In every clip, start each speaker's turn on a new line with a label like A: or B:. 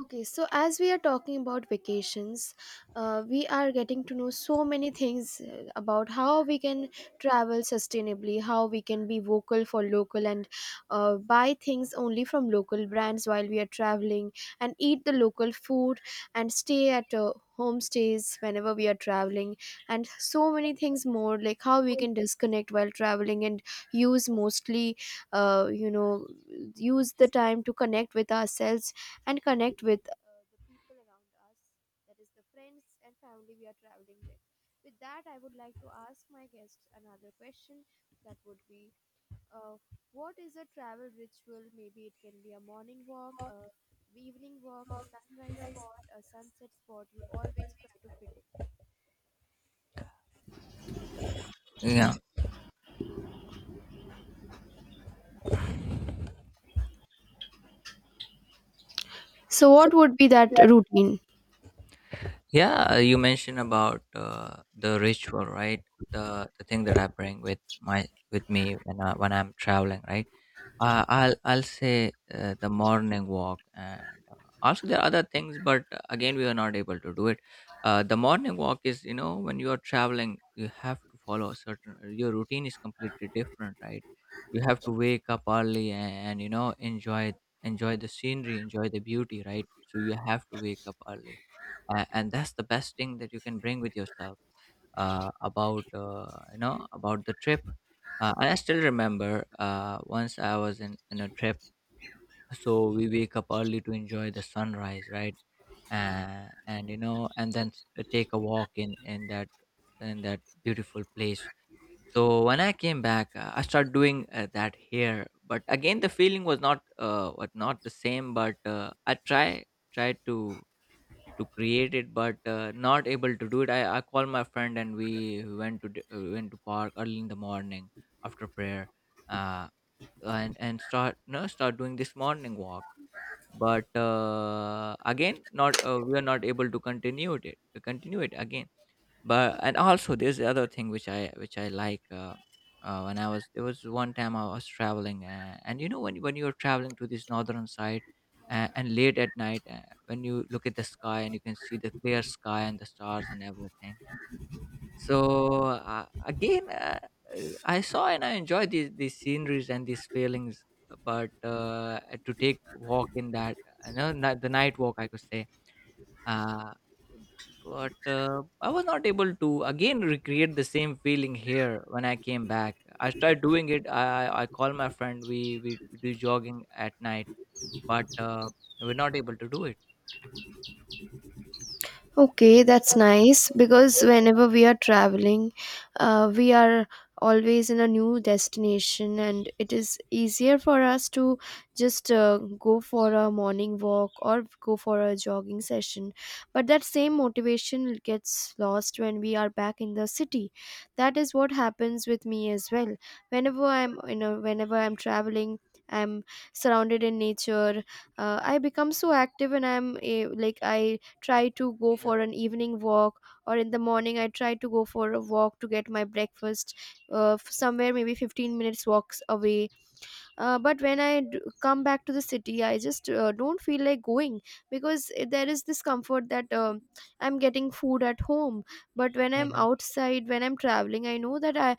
A: Okay, so as we are talking about vacations, we are getting to know so many things about how we can travel sustainably, how we can be vocal for local, and buy things only from local brands while we are traveling, and eat the local food, and stay at homestays whenever we are traveling, and so many things more, like how we can disconnect while traveling and use mostly, you know, use the time to connect with ourselves and connect with the people around us, that is, the friends and family we are traveling with. With that, I would like to ask my guest another question, that would be uh, what is a travel ritual? Maybe it can be a morning walk, a evening walk, a sunrise spot, a sunset spot. You always try to fit in.
B: Yeah,
A: So, what would be that routine?
B: yeah. You mentioned about the ritual, right? The thing that I bring with my with me when I'm traveling, right? I'll say the morning walk, and uh, also there are other things, but again, we were not able to do it. The morning walk is, you know, when you are traveling, you have to follow a certain, your routine is completely different, right? You have to wake up early and enjoy the scenery, enjoy the beauty, right? So you have to wake up early, and that's the best thing that you can bring with yourself about about the trip, and I still remember, once I was in a trip, so we wake up early to enjoy the sunrise, right? And then take a walk in that beautiful place. So when I came back, I started doing that here, but again the feeling was not the same. But I try tried to create it, but not able to do it. I called my friend, and we went to park early in the morning after prayer, uh, and start no start doing this morning walk, but again, not, we are not able to continue it again. But and also, there's the other thing which I like. When I was There was one time I was traveling, and, you know, when you're traveling to this northern side, and late at night, when you look at the sky and you can see the clear sky and the stars and everything. so uh, again, uh, I saw and I enjoyed these sceneries and these feelings. But to take walk in that, you know, the night walk, I could say. Uh, but I was not able to again recreate the same feeling here when I came back. I tried doing it. I call my friend. We do jogging at night, but we're not able to do it.
A: Okay, that's nice, because whenever we are traveling, we are always in a new destination, and it is easier for us to just go for a morning walk or go for a jogging session. But that same motivation gets lost when we are back in the city. That is what happens with me as well. Whenever I'm traveling, I'm surrounded in nature. I become so active, and like I try to go
B: Yeah.
A: for an evening walk, or in the morning I try to go for a walk to get my breakfast, somewhere maybe 15 minutes walks away, but when I come back to the city, I just don't feel like going, because there is this comfort that I'm getting food at home. But when I'm
B: Mhm.
A: outside, when I'm traveling, I know that i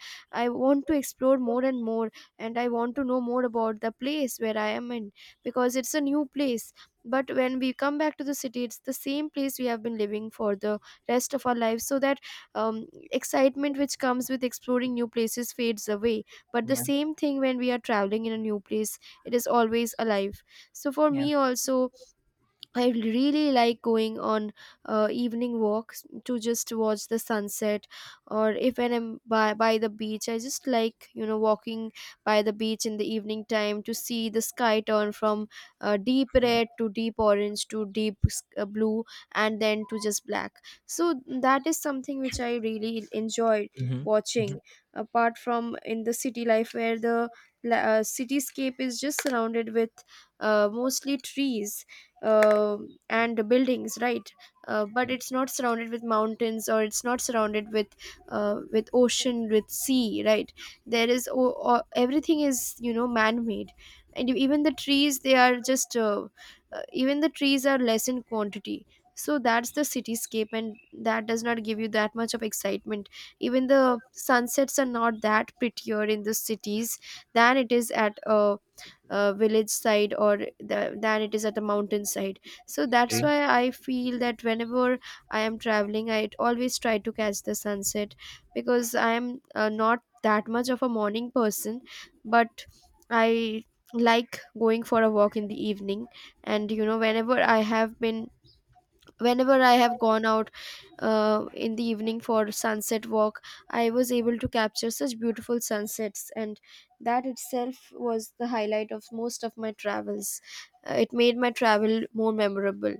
A: i want to explore more and more, and I want to know more about the place where I am in, because it's a new place. But when we come back to the city, it's the same place we have been living for the rest of our lives, so that excitement which comes with exploring new places fades away. But the
B: Yeah.
A: same thing, when we are traveling in a new place, it is always alive. So for
B: Yeah.
A: me also, I really like going on evening walks to just watch the sunset, or if when I'm by the beach, I just like walking by the beach in the evening time, to see the sky turn from deep red to deep orange to deep blue, and then to just black. So that is something which I really enjoy
B: Mhm. Mhm.
A: watching. Apart from in the city life, where the cityscape is just surrounded with mostly trees uh,
B: Yeah.
A: and buildings, right? But
B: Yeah.
A: it's not surrounded with mountains, or it's not surrounded with with ocean, with sea, right? There is everything is, man made. And e, even the trees they are just even the trees are less in quantity. So that's the cityscape, and that does not give you that much of excitement. Even the sunsets are not that prettier in the cities than it is at
B: Agree.
A: village side, or than it is at a mountain side. So that's
B: Agree.
A: why I feel that whenever I am traveling, I always try to catch the sunset, because I am not that much of a morning person, but I like going for a walk in the evening. And, whenever I have gone out in the evening for sunset walk, I was able to capture such beautiful sunsets, and that itself was the highlight of most of my travels. It made my travel more memorable.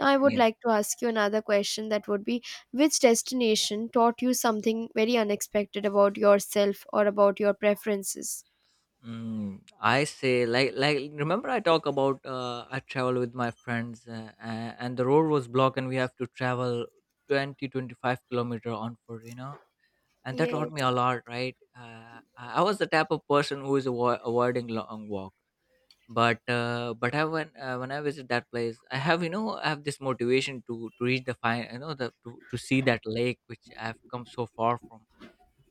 A: Now I would like to ask you another question, that would be: which destination taught you something very unexpected about yourself or about your preferences?
B: I say, remember I talk about, I travel with my friends, and the road was blocked and we have to travel 20, 25 kilometer on foot, you know, and that taught me
A: Yes.
B: a lot, right? I was the type of person who is avoiding long walk, but I when I visit that place, I have, you know, I have this motivation to reach the fine, you know, to see that lake which I've come so far from.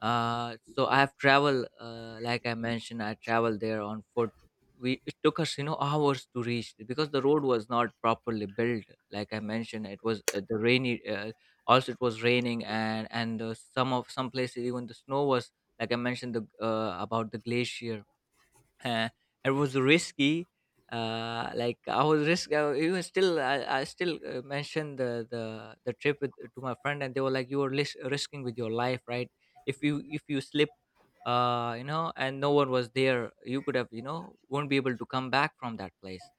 B: So I have traveled, like I mentioned, I traveled there on foot. We It took us, you know, hours to reach because the road was not properly built. Like I mentioned, it was the rainy, also it was raining, and some places even the snow was. Like I mentioned the about the glacier. uh, it was risky. Like I was risk even Still I still mentioned the trip to my friend, and they were like, you were risking with your life, right? If you slip, you know, and no one was there, you could have, you know, won't be able to come back from that place.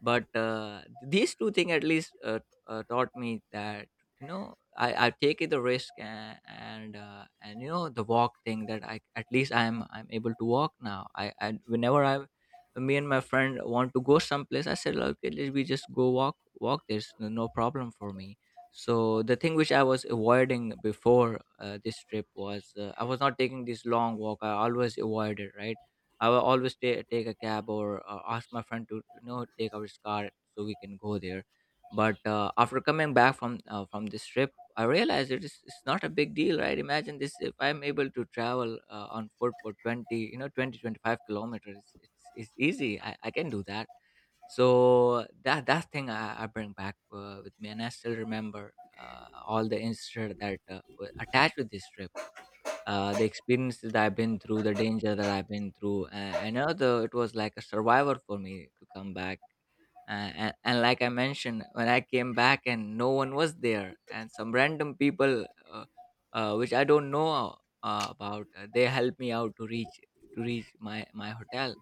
B: But these two things at least, taught me that, you know, I take the risk, and, you know, the walk thing that I, at least, I'm able to walk now. I Whenever I me and my friend want to go someplace, I said, okay, let we just go walk walk. There's no no problem for me. So the thing which I was avoiding before this trip was, I was not taking this long walk. I always avoided, right? I will always take a cab or ask my friend to, you know, take our car so we can go there. But after coming back from this trip, I realized it's not a big deal, right? Imagine this, if I'm able to travel on foot for 20, 20 25 kilometers, it's easy. I can do that. So that thing I bring back with me, and I still remember all the incident that were attached with this trip. The experience that I've been through, the danger that I've been through. I know though it was like a survivor for me to come back. And like I mentioned, when I came back and no one was there, and some random people, which I don't know, they helped me out to reach my hotel.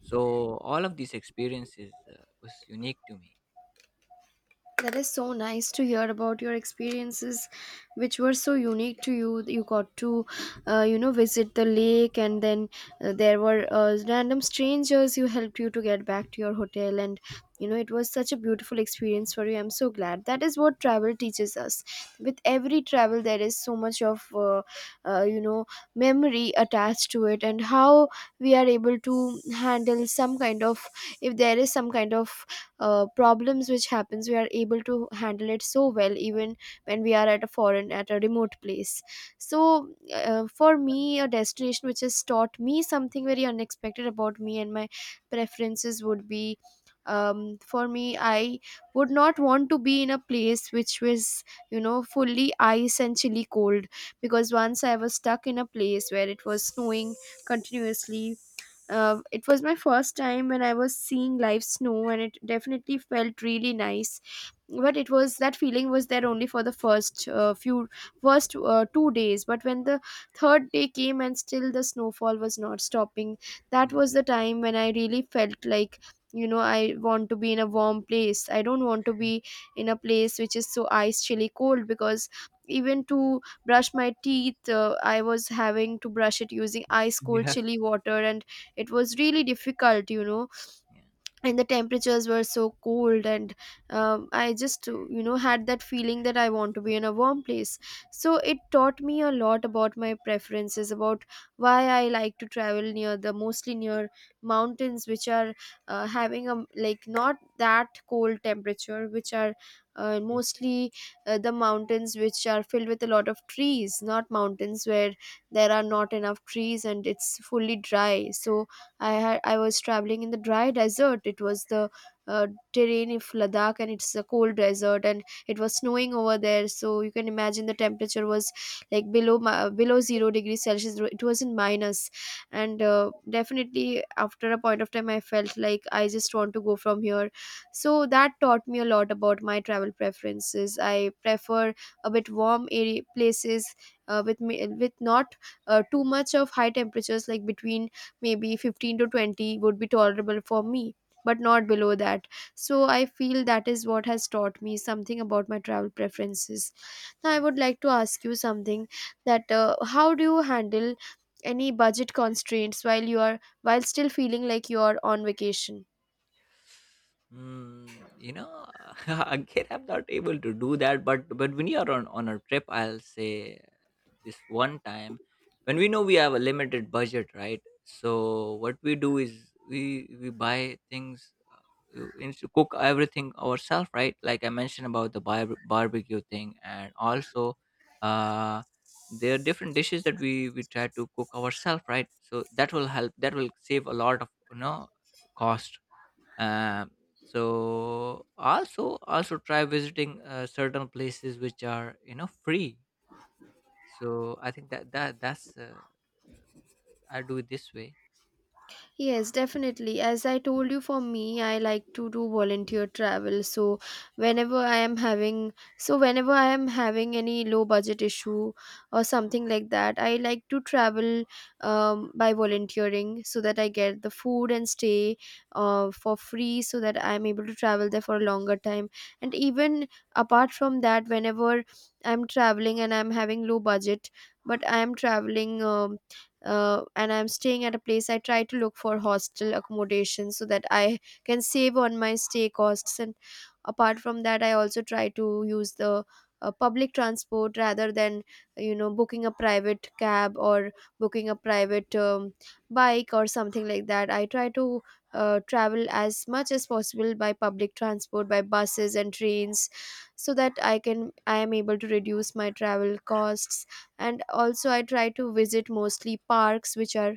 B: So all of these experiences was unique to me.
A: That is so nice to hear about your experiences, which were so unique to you. You got to, visit the lake, and then there were random strangers who helped you to get back to your hotel. And, it was such a beautiful experience for you. I'm so glad. That is what travel teaches us. With every travel, there is so much of, uh, you know, memory attached to it, and how we are able to handle if there is some kind of problems which happens, we are able to handle it so well, even when we are at a foreign at a remote place. So for me, a destination which has taught me something very unexpected about me and my preferences would be, for me, I would not want to be in a place which was fully ice and chilly cold, because once I was stuck in a place where it was snowing continuously. It was my first time when I was seeing live snow, and it definitely felt really nice, but it was, that feeling was there only for the first few first 2 days. But when the third day came and still the snowfall was not stopping, that
B: Yeah.
A: was the time when I really felt like, I want to be in a warm place. I don't want to be in a place which is so ice chilly cold, because even to brush my teeth, I was having to brush it using ice cold
B: Yeah.
A: chilly water, and it was really difficult.
B: Yeah.
A: And the temperatures were so cold, and I just had that feeling that I want to be in a warm place. So it taught me a lot about my preferences, about why I like to travel near the, mostly near mountains which are having a, like not that cold temperature, which are mostly the mountains which are filled with a lot of trees, not mountains where there are not enough trees and it's fully dry. So I was traveling in the dry desert. It was the uh, terrain of Ladakh, and it's a cold desert, and it was snowing over there. So you can imagine the temperature was like below below 0 degrees Celsius. It was in minus, and definitely after a point of time, I felt like I just want to go from here. So that taught me a lot about my travel preferences. I prefer a bit warm area places, with not too much of high temperatures, like between maybe 15 to 20 would be tolerable for me, but not below that. So I feel that is what has taught me something about my travel preferences. Now I would like to ask you something, that how do you handle any budget constraints while still feeling like you are on vacation?
B: You know, again, I'm not able to do that. But when you are on a trip, I'll say, this one time when we know we have a limited budget, right? So what we do is we buy things, cook everything ourselves, right? Like I mentioned about the barbecue thing, and also, uh, there are different dishes that we try to cook ourselves, right? So that will help. That will save a lot of, you know, cost. um, Also try visiting certain places which are, you know, free. So I think that's I do it this way.
A: Yes, definitely. As I told you, for me, I like to do volunteer travel. So whenever I am having, so whenever I am having any low budget issue or something like that, I like to travel by volunteering, so that I get the food and stay for free, so that I am able to travel there for a longer time. And even apart from that, whenever I'm traveling and I'm having low budget, but I am traveling. And I'm staying at a place, I try to look for hostel accommodation, so that I can save on my stay costs. And apart from that, I also try to use the public transport rather than booking a private cab, or booking a private bike or something like that. I try to travel as much as possible by public transport, by buses and trains, so that I am able to reduce my travel costs. And also I try to visit mostly parks which are,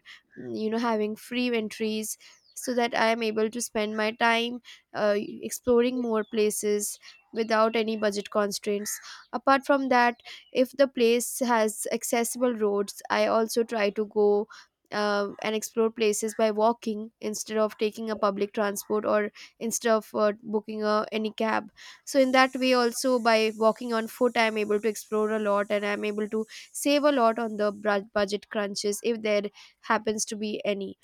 A: having free entries, so that I am able to spend my time exploring more places without any budget constraints. Apart from that, if the place has accessible roads, I also try to go and explore places by walking, instead of taking a public transport, or instead of booking any cab. So in that way also, by walking on foot, I'm able to explore a lot, and I'm able to save a lot on the budget crunches, if there happens to be any.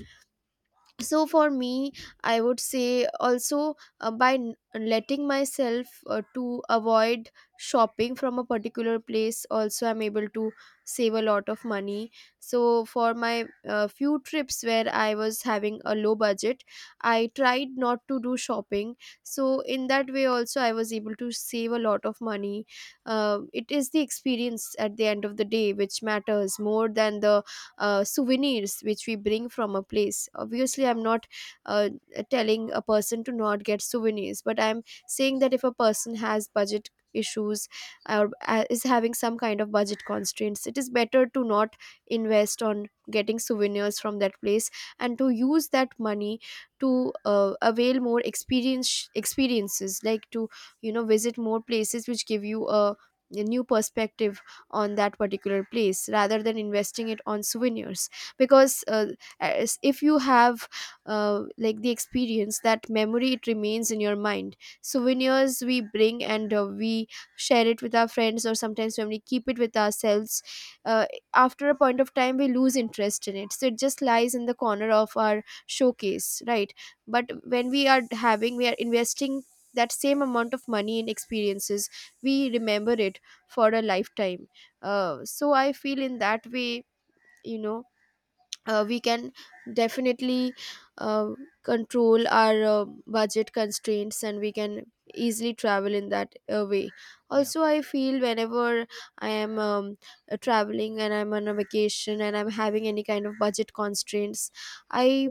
A: So for me, I would say also, by letting myself to avoid shopping from a particular place, also I'm able to save a lot of money. So for my few trips where I was having a low budget, I tried not to do shopping. So in that way also, I was able to save a lot of money. It is the experience at the end of the day which matters more than the souvenirs which we bring from a place. Obviously, I'm not uh, telling a person to not get souvenirs, but I'm saying that if a person has budget issues or is having some kind of budget constraints, it is better to not invest on getting souvenirs from that place and to use that money to avail more experiences, like to visit more places which give you a new perspective on that particular place rather than investing it on souvenirs. Because as, if you have, like, the experience, that memory, it remains in your mind. Souvenirs we bring and we share it with our friends, or sometimes when we keep it with ourselves, uh, after a point of time we lose interest in it, so it just lies in the corner of our showcase, right? But when we are investing that same amount of money in experiences, we remember it for a lifetime. So I feel, in that way, you know we can definitely, uh, control our budget constraints, and we can easily travel in that way.
B: Yeah,
A: Also, I feel whenever I am, traveling, and I'm on a vacation and I'm having any kind of budget constraints, I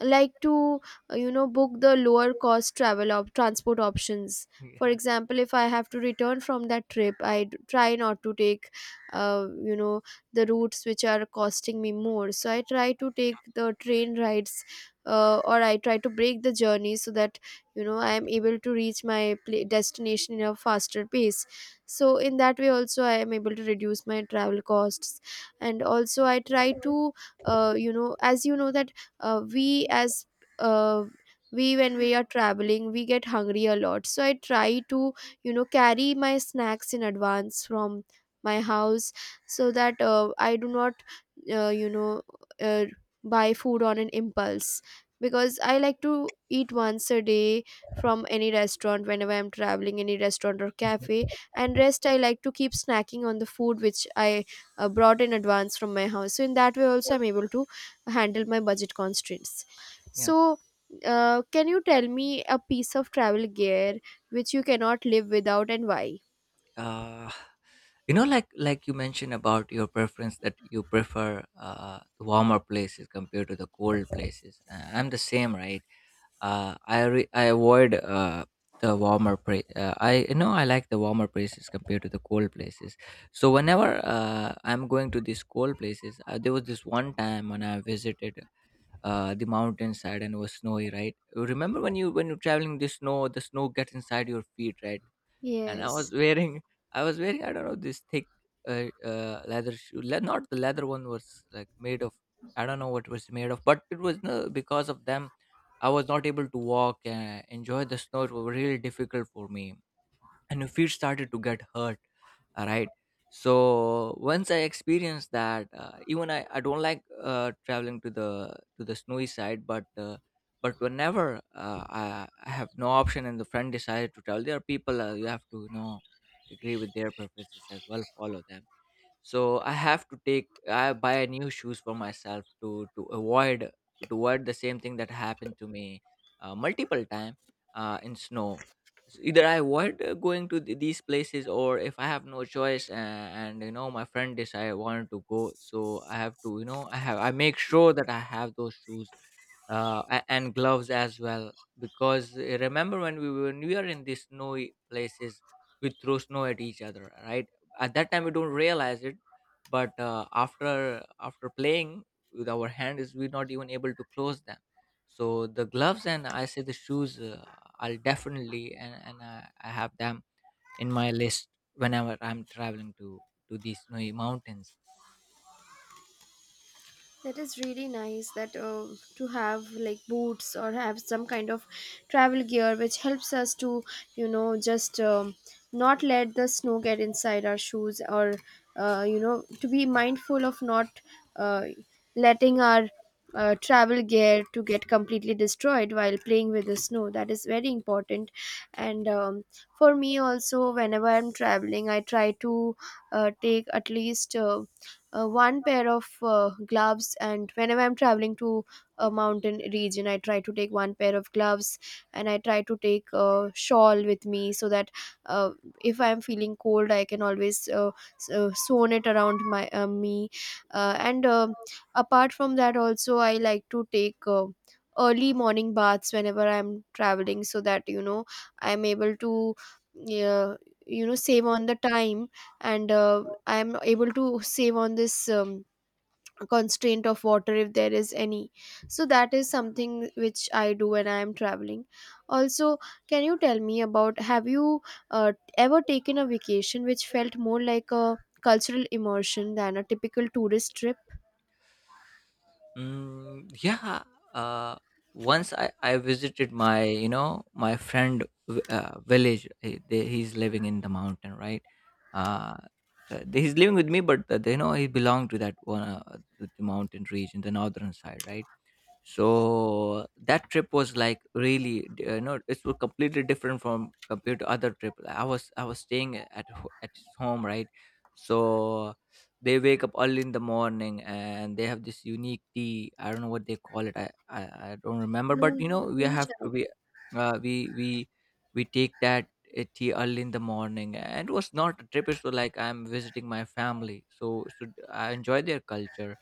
A: like to, book the lower cost travel of transport options. For
B: yeah,
A: example, if I have to return from that trip, try not to take, uh, you know the routes which are costing me more, so I try to take the train rides, or I try to break the journey, so that, I am able to reach my pla destination in a faster pace. So in that way also I am able to reduce my travel costs. And also I try to, as you know that, we as uh, we when we are traveling we get hungry a lot, so I try to, carry my snacks in advance from my house, so that I do not, uh, you know uh, buy food on an impulse, because I like to eat once a day from any restaurant whenever I'm traveling, any restaurant or cafe, and rest I like to keep snacking on the food which I brought in advance from my house. So in that way also I'm able to handle my budget constraints.
B: yeah.
A: So, can you tell me a piece of travel gear which you cannot live without, and why?
B: Uh, you know, you mentioned about your preference, that you prefer the warmer places compared to the cold places. I'm the same, right? I avoid the warmer place. I, you know, I like the warmer places compared to the cold places. So whenever, I'm going to these cold places, there was this one time when I visited the mountainside, and it was snowy, right? You Remember, when you're traveling, the snow gets inside your feet, right? And I
A: Yes.
B: was wearing, I don't know, this thick leather shoe. Not the leather, one was like made of, I don't know what was made of, but it was, because of them, I was not able to walk and enjoy the snow. It was really difficult for me, and your feet started to get hurt, all right? So once I experienced that, even I don't like traveling to the snowy side, but whenever, I have no option and the friend decided to travel, there are people, you have to, you know, agree with their preferences as well, follow them. So I have to take I buy a new shoes for myself to avoid to avoid the same thing that happened to me, multiple time in snow. So either I avoid going to these places, or if I have no choice, and you know, my friend decide, I wanted to go. So I have to, you know, I make sure that I have those shoes, and gloves as well. Because remember, when we were near in these snowy places, we throw snow at each other, right? At that time we don't realize it, but after playing with our hand is, we're not even able to close them. So the gloves, and I say, the shoes, I'll definitely, and I have them in my list whenever I'm traveling to these snowy mountains.
A: That is really nice, that to have like boots, or have some kind of travel gear which helps us to, just, not let the snow get inside our shoes, or to be mindful of not uh, letting our travel gear to get completely destroyed while playing with the snow. That is very important. And for me also, whenever I'm traveling, I try to take at least, one pair of gloves, and whenever I'm traveling to a mountain region, I try to take one pair of gloves, and I try to take a shawl with me, so that uh, if I'm feeling cold I can always, sewn it around my, me. And apart from that also I like to take, early morning baths whenever I'm traveling, so that, I'm able to, uh, save on the time, and I'm able to save on this, constraint of water, if there is any. So that is something which I do when I am traveling. Also, can you tell me about, have you uh, ever taken a vacation which felt more like a cultural immersion than a typical tourist trip?
B: Yeah. Uh, Once I visited my, you know, my friend, village. He's living in the mountain, right? Uh, he's living with me, but they know he belonged to that one to the mountain region, the northern side, right? So that trip was like really you know, it was completely different from, compared to other trip. I was staying at at his home, right? So they wake up early in the morning, and they have this unique tea. I don't know what they call it. I don't remember,
A: Noon,
B: but you know, we
A: noon
B: have
A: chai.
B: to, we uh, we we we take that tea early in the morning. And it was not a trip, it was like I'm visiting my family. So, I enjoy their culture.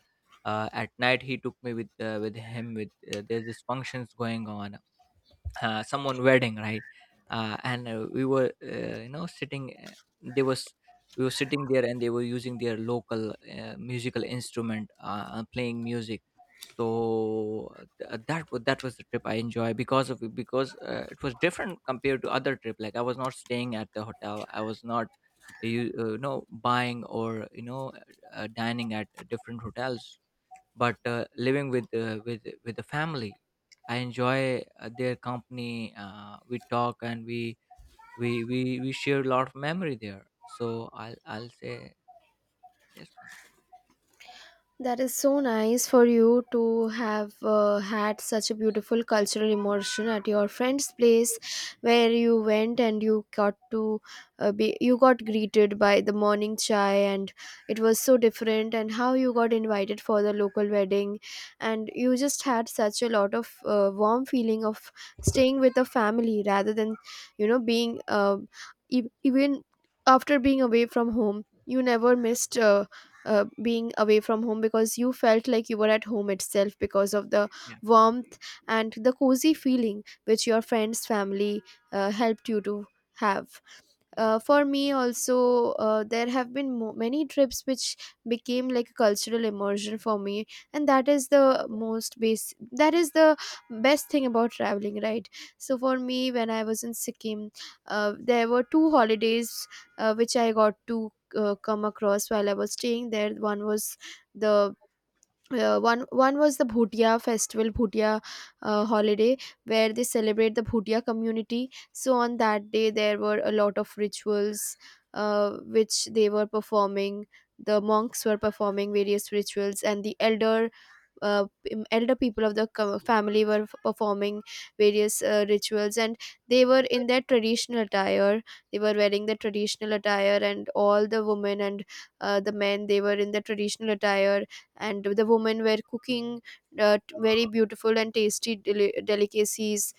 B: At night, he took me with, him. With there's these functions going on, someone wedding, right? And we were, sitting. They was we were sitting there, and they were using their local musical instrument, playing music. So that was the trip I enjoy because it was different compared to other trip. Like I was not staying at the hotel. I was not buying or dining at different hotels but living with with the family. I enjoy their company. We talk and we we share a lot of memory there, so I'll say this one.
A: That is so nice for you to have, had such a beautiful cultural immersion at your friend's place, where you went and you got to, be, you got greeted by the morning chai, and it was so different, and how you got invited for the local wedding, and you just had such a lot of, warm feeling of staying with a family rather than, being, even after being away from home. You never
B: Yeah,
A: missed, being away from home, because you felt like you were at home itself, because of the
B: yeah,
A: warmth and the cozy feeling which your friend's family helped you to have.
B: yeah,
A: For me also, there have been many trips which became like a cultural immersion for me, and that is the best thing about traveling, right? So for me, when I was in Sikkim, there were two holidays which I got to come across while I was staying there. One was the one one was the Bhutia festival, Bhutia holiday, where they celebrate the Bhutia community. So on that day, there were a lot of rituals which they were performing. The monks were performing various rituals, and the elder, elder people of the family, were performing various rituals, and they were in their traditional attire. They were wearing the traditional attire, and all the women and the men, they were in the traditional attire. And the women were cooking very beautiful and tasty delicacies,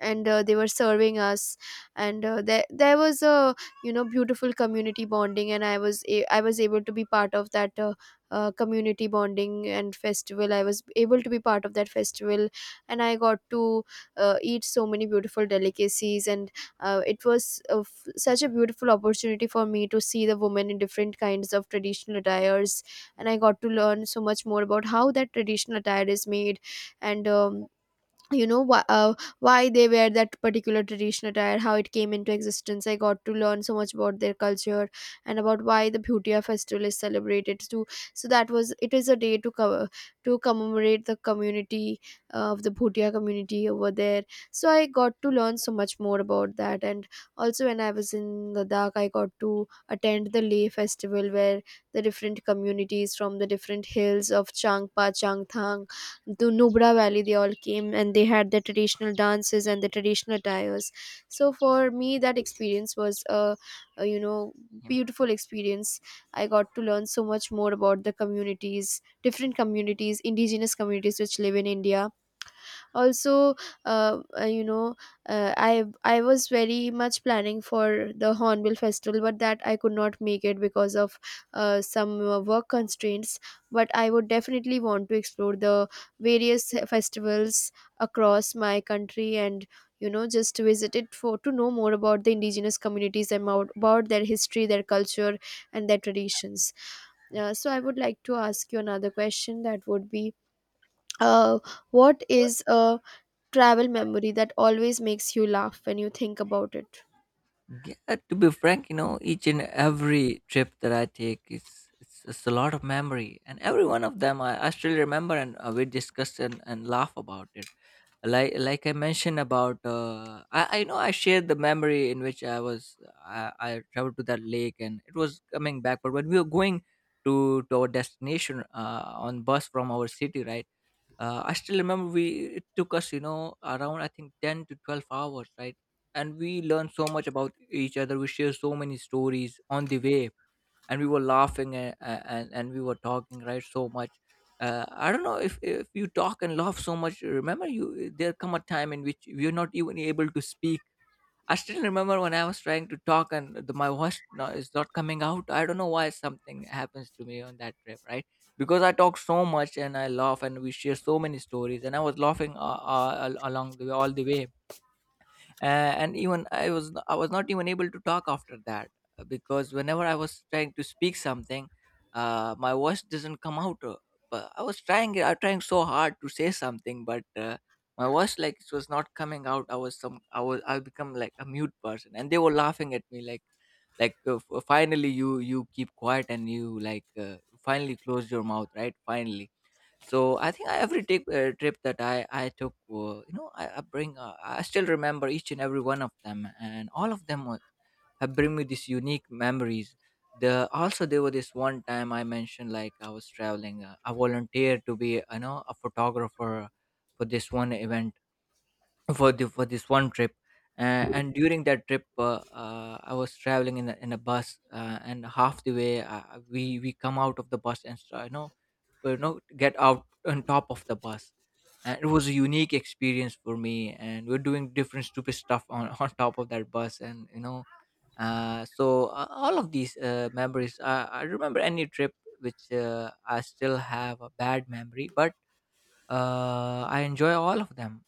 A: and they were serving us. And there was a, beautiful community bonding, and I was able to be part of that community bonding and festival. I was able to be part of that festival, and I got to eat so many beautiful delicacies. And it was such a beautiful opportunity for me to see the women in different kinds of traditional attires. And I got to learn so much more about how that traditional attire is made. And you know why, uh, why they wear that particular traditional attire, how it came into existence. I got to learn so much about their culture, and about why the Bhutia festival is celebrated too. So that was, it is a day to cover, to commemorate the community, of the Bhutia community over there. So I got to learn so much more about that. And also, when I was in Ladakh, I got to attend the Leh festival, where the different communities from the different hills of Changpa, Changthang, the Nubra Valley, they all came, and they had their traditional dances and the traditional attires. So for me, that experience was a
B: yeah.
A: beautiful experience. I got to learn so much more about the communities, different communities, indigenous communities which live in India. Also, uh, uh, you know I was very much planning for the Hornbill festival, but that I could not make it because of some work constraints. But I would definitely want to explore the various festivals across my country, and just to visit it, for to know more about the indigenous communities, and about their history, their culture, and their traditions. So I would like to ask you another question, that would be, uh, what is a travel memory that always makes you laugh when you think about it?
B: Yeah, to be frank, you know, each and every trip that I take it's a lot of memory, and every one of them I still remember, and we discuss and laugh about it. Like I mentioned about I know I shared the memory in which I traveled to that lake and it was coming back. But when we were going to our destination on bus from our city, right? I still remember we, it took us, you know, around I think 10 to 12 hours, right? And we learned so much about each other. We shared so many stories on the way, and we were laughing and we were talking, right, so much. I don't know, if you talk and laugh so much, remember, there come a time in which you're not even able to speak. I still remember when I was trying to talk and my voice, no, is not coming out. I don't know why something happens to me on that trip, right? Because I talk so much and I laugh and we share so many stories, and I was laughing, along the all the way. Uh, and even i was I was not even able to talk after that, because whenever I was trying to speak something, my voice doesn't come out. But I was trying so hard to say something, but my voice, like, it was not coming out. I was some I was I become like a mute person and they were laughing at me, like, finally you keep quiet and you, finally close your mouth, right? Finally. So I think every trip, trip that I took, I bring, I still remember each and every one of them, and all of them were, have bring me these unique memories. The also there were this one time I mentioned, like, I was traveling. I volunteered to be, you know, a photographer for this one event, for this one trip. And during that trip, I was traveling in in a bus, and half the way, we come out of the bus and start, you know, get out on top of the bus. And it was a unique experience for me, and we're doing different stupid stuff on on top of that bus, and you know, all of these memories, I remember any trip which, I still have a bad memory, but I enjoy all of them.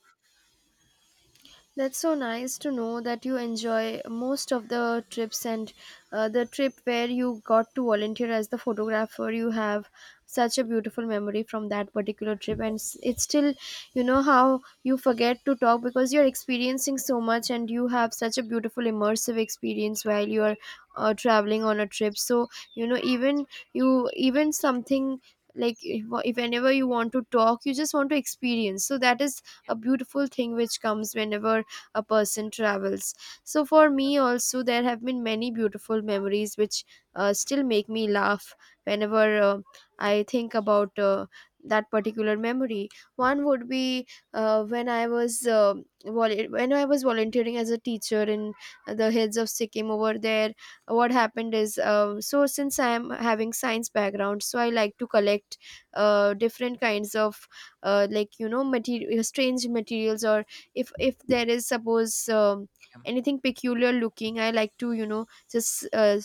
A: That's so nice to know that you enjoy most of the trips, and the trip where you got to volunteer as the photographer. You have such a beautiful memory from that particular trip, and it's still, how you forget to talk because you're experiencing so much, and you have such a beautiful immersive experience while you're traveling on a trip. So, even you, even something, like, if whenever you want to talk you just want to experience. So that is a beautiful thing which comes whenever a person travels. So for me also, there have been many beautiful memories which still make me laugh whenever I think about that particular memory. One would be, uh, when I was uh, when I was volunteering as a teacher in the hills of Sikkim over there. What happened is so since I am having science background, so I like to collect different kinds of like, material strange materials, or if there is, suppose, anything peculiar looking, I like to just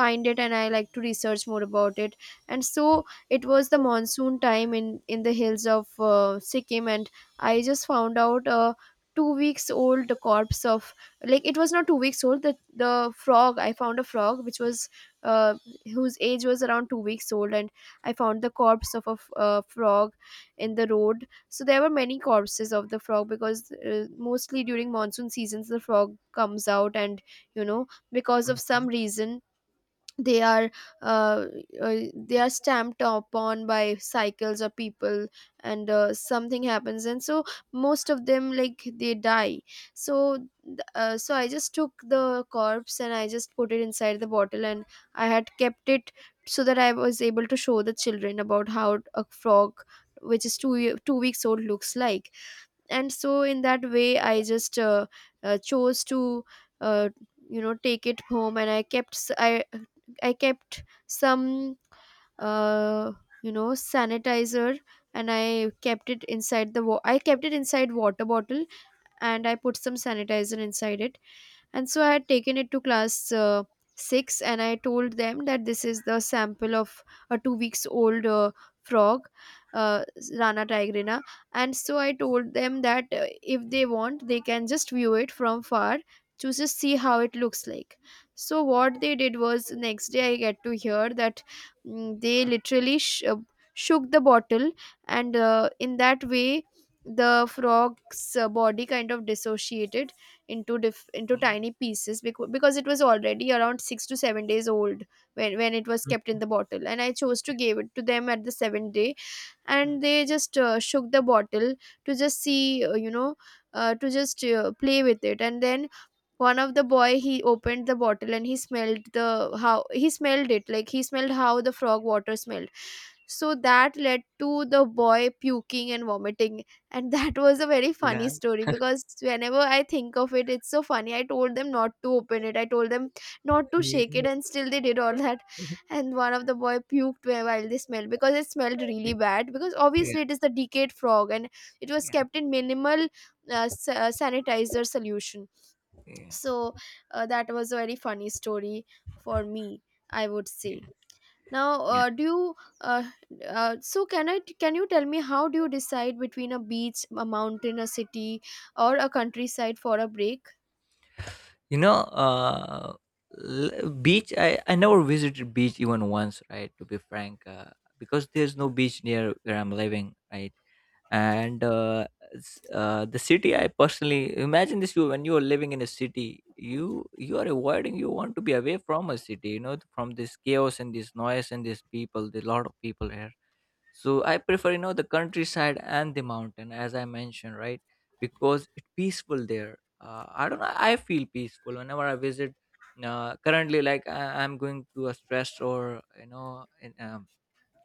A: find it, and I like to research more about it. And so it was the monsoon time in the hills of Sikkim, and I just found out a 2 weeks old corpse of, like, it was not 2 weeks old, the frog. I found a frog which was, uh, whose age was around 2 weeks old, and I found the corpse of a frog in the road. So there were many corpses of the frog because, mostly during monsoon seasons the frog comes out, and because of some
B: Yeah.
A: reason they are uh, they are stamped upon by cycles or people, and something happens, and so most of them, like, they die. so so I just took the corpse, and I just put it inside the bottle, and I had kept it so that I was able to show the children about how a frog which is 2 weeks old looks like. And so in that way I just chose to, uh, take it home, and I kept s- I kept some uh, sanitizer, and I kept it inside water bottle, and I put some sanitizer inside it. And so I had taken it to class 6, and I told them that this is the sample of a 2 weeks old frog, uh, Rana tigrina. And so I told them that, if they want, they can just view it from far, to just see how it looks like. So what they did was, next day I get to hear that, they literally shook the bottle, and in that way the frog's body kind of dissociated into
B: Mm,
A: tiny pieces, because it was already around 6 to 7 days old when it was
B: mm,
A: kept in the bottle, and I chose to give it to them at the 7th day. And
B: mm.
A: they just shook the bottle to just see, to just play with it. And then one of the boy, he opened the bottle and he smelled the how he smelled it, like, he smelled how the frog water smelled. So that led to the boy puking and vomiting. And that was a very funny
B: Yeah,
A: story, because whenever I think of it it's so funny. I told them not to open it, I told them not to shake it,
B: yeah,
A: and still they did all that. And one of the boy puked while they smelled because it smelled really bad, because
B: yeah,
A: obviously it is the decayed frog, and it was
B: yeah,
A: kept in minimal sanitizer solution.
B: yeah,
A: So that was a very funny story for me, I would say. Now,
B: yeah.
A: do you uh, so can I can you tell me how do you decide between a beach, a mountain, a city, or a countryside for a break?
B: You know, beach. I never visited beach even once, right? To be frank, because there's no beach near where I'm living, right? And the city. I personally imagine this: you, when you are living in a city, you are avoiding. You want to be away from a city, you know, from this chaos and this noise and these people. There's a lot of people here, so I prefer, you know, the countryside and the mountain, as I mentioned, right? Because it's peaceful there. I don't know, I feel peaceful whenever I visit. Currently, like I'm going through a stress, or, you know,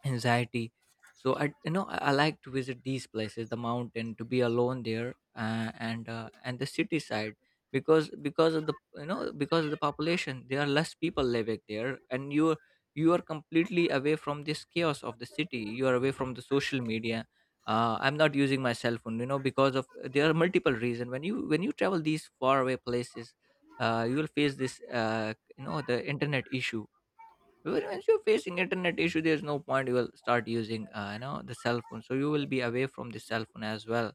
B: anxiety. So I, you know, I like to visit these places, the mountain, to be alone there, and the city side, because of the, you know, because of the population, there are less people living there, and you are completely away from this chaos of the city. You are away from the social media. I'm not using my cell phone, you know, because of, there are multiple reasons. When you travel these far away places, you will face this, the internet issue. Because once you're facing internet issue, there's no point. You will start using, the cell phone. So you will be away from the cell phone as well.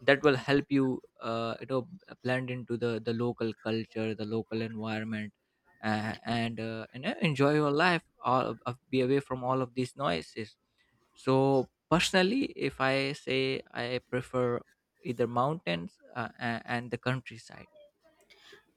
B: That will help you, blend into the local culture, the local environment, enjoy your life. All be away from all of these noises. So personally, if I say, I prefer either mountains and the countryside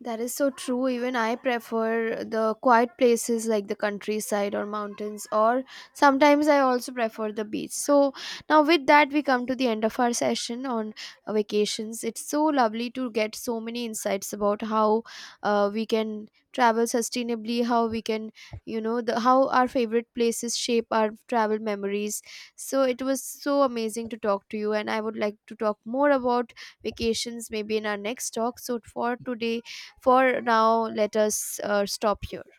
A: That is so true. Even I prefer the quiet places like the countryside or mountains, or sometimes I also prefer the beach. So, now with that, we come to the end of our session on vacations. It's so lovely to get so many insights about how we can travel sustainably, how we can, how our favorite places shape our travel memories. So, it was so amazing to talk to you, and I would like to talk more about vacations maybe in our next talk. So, for today, for now let us stop here.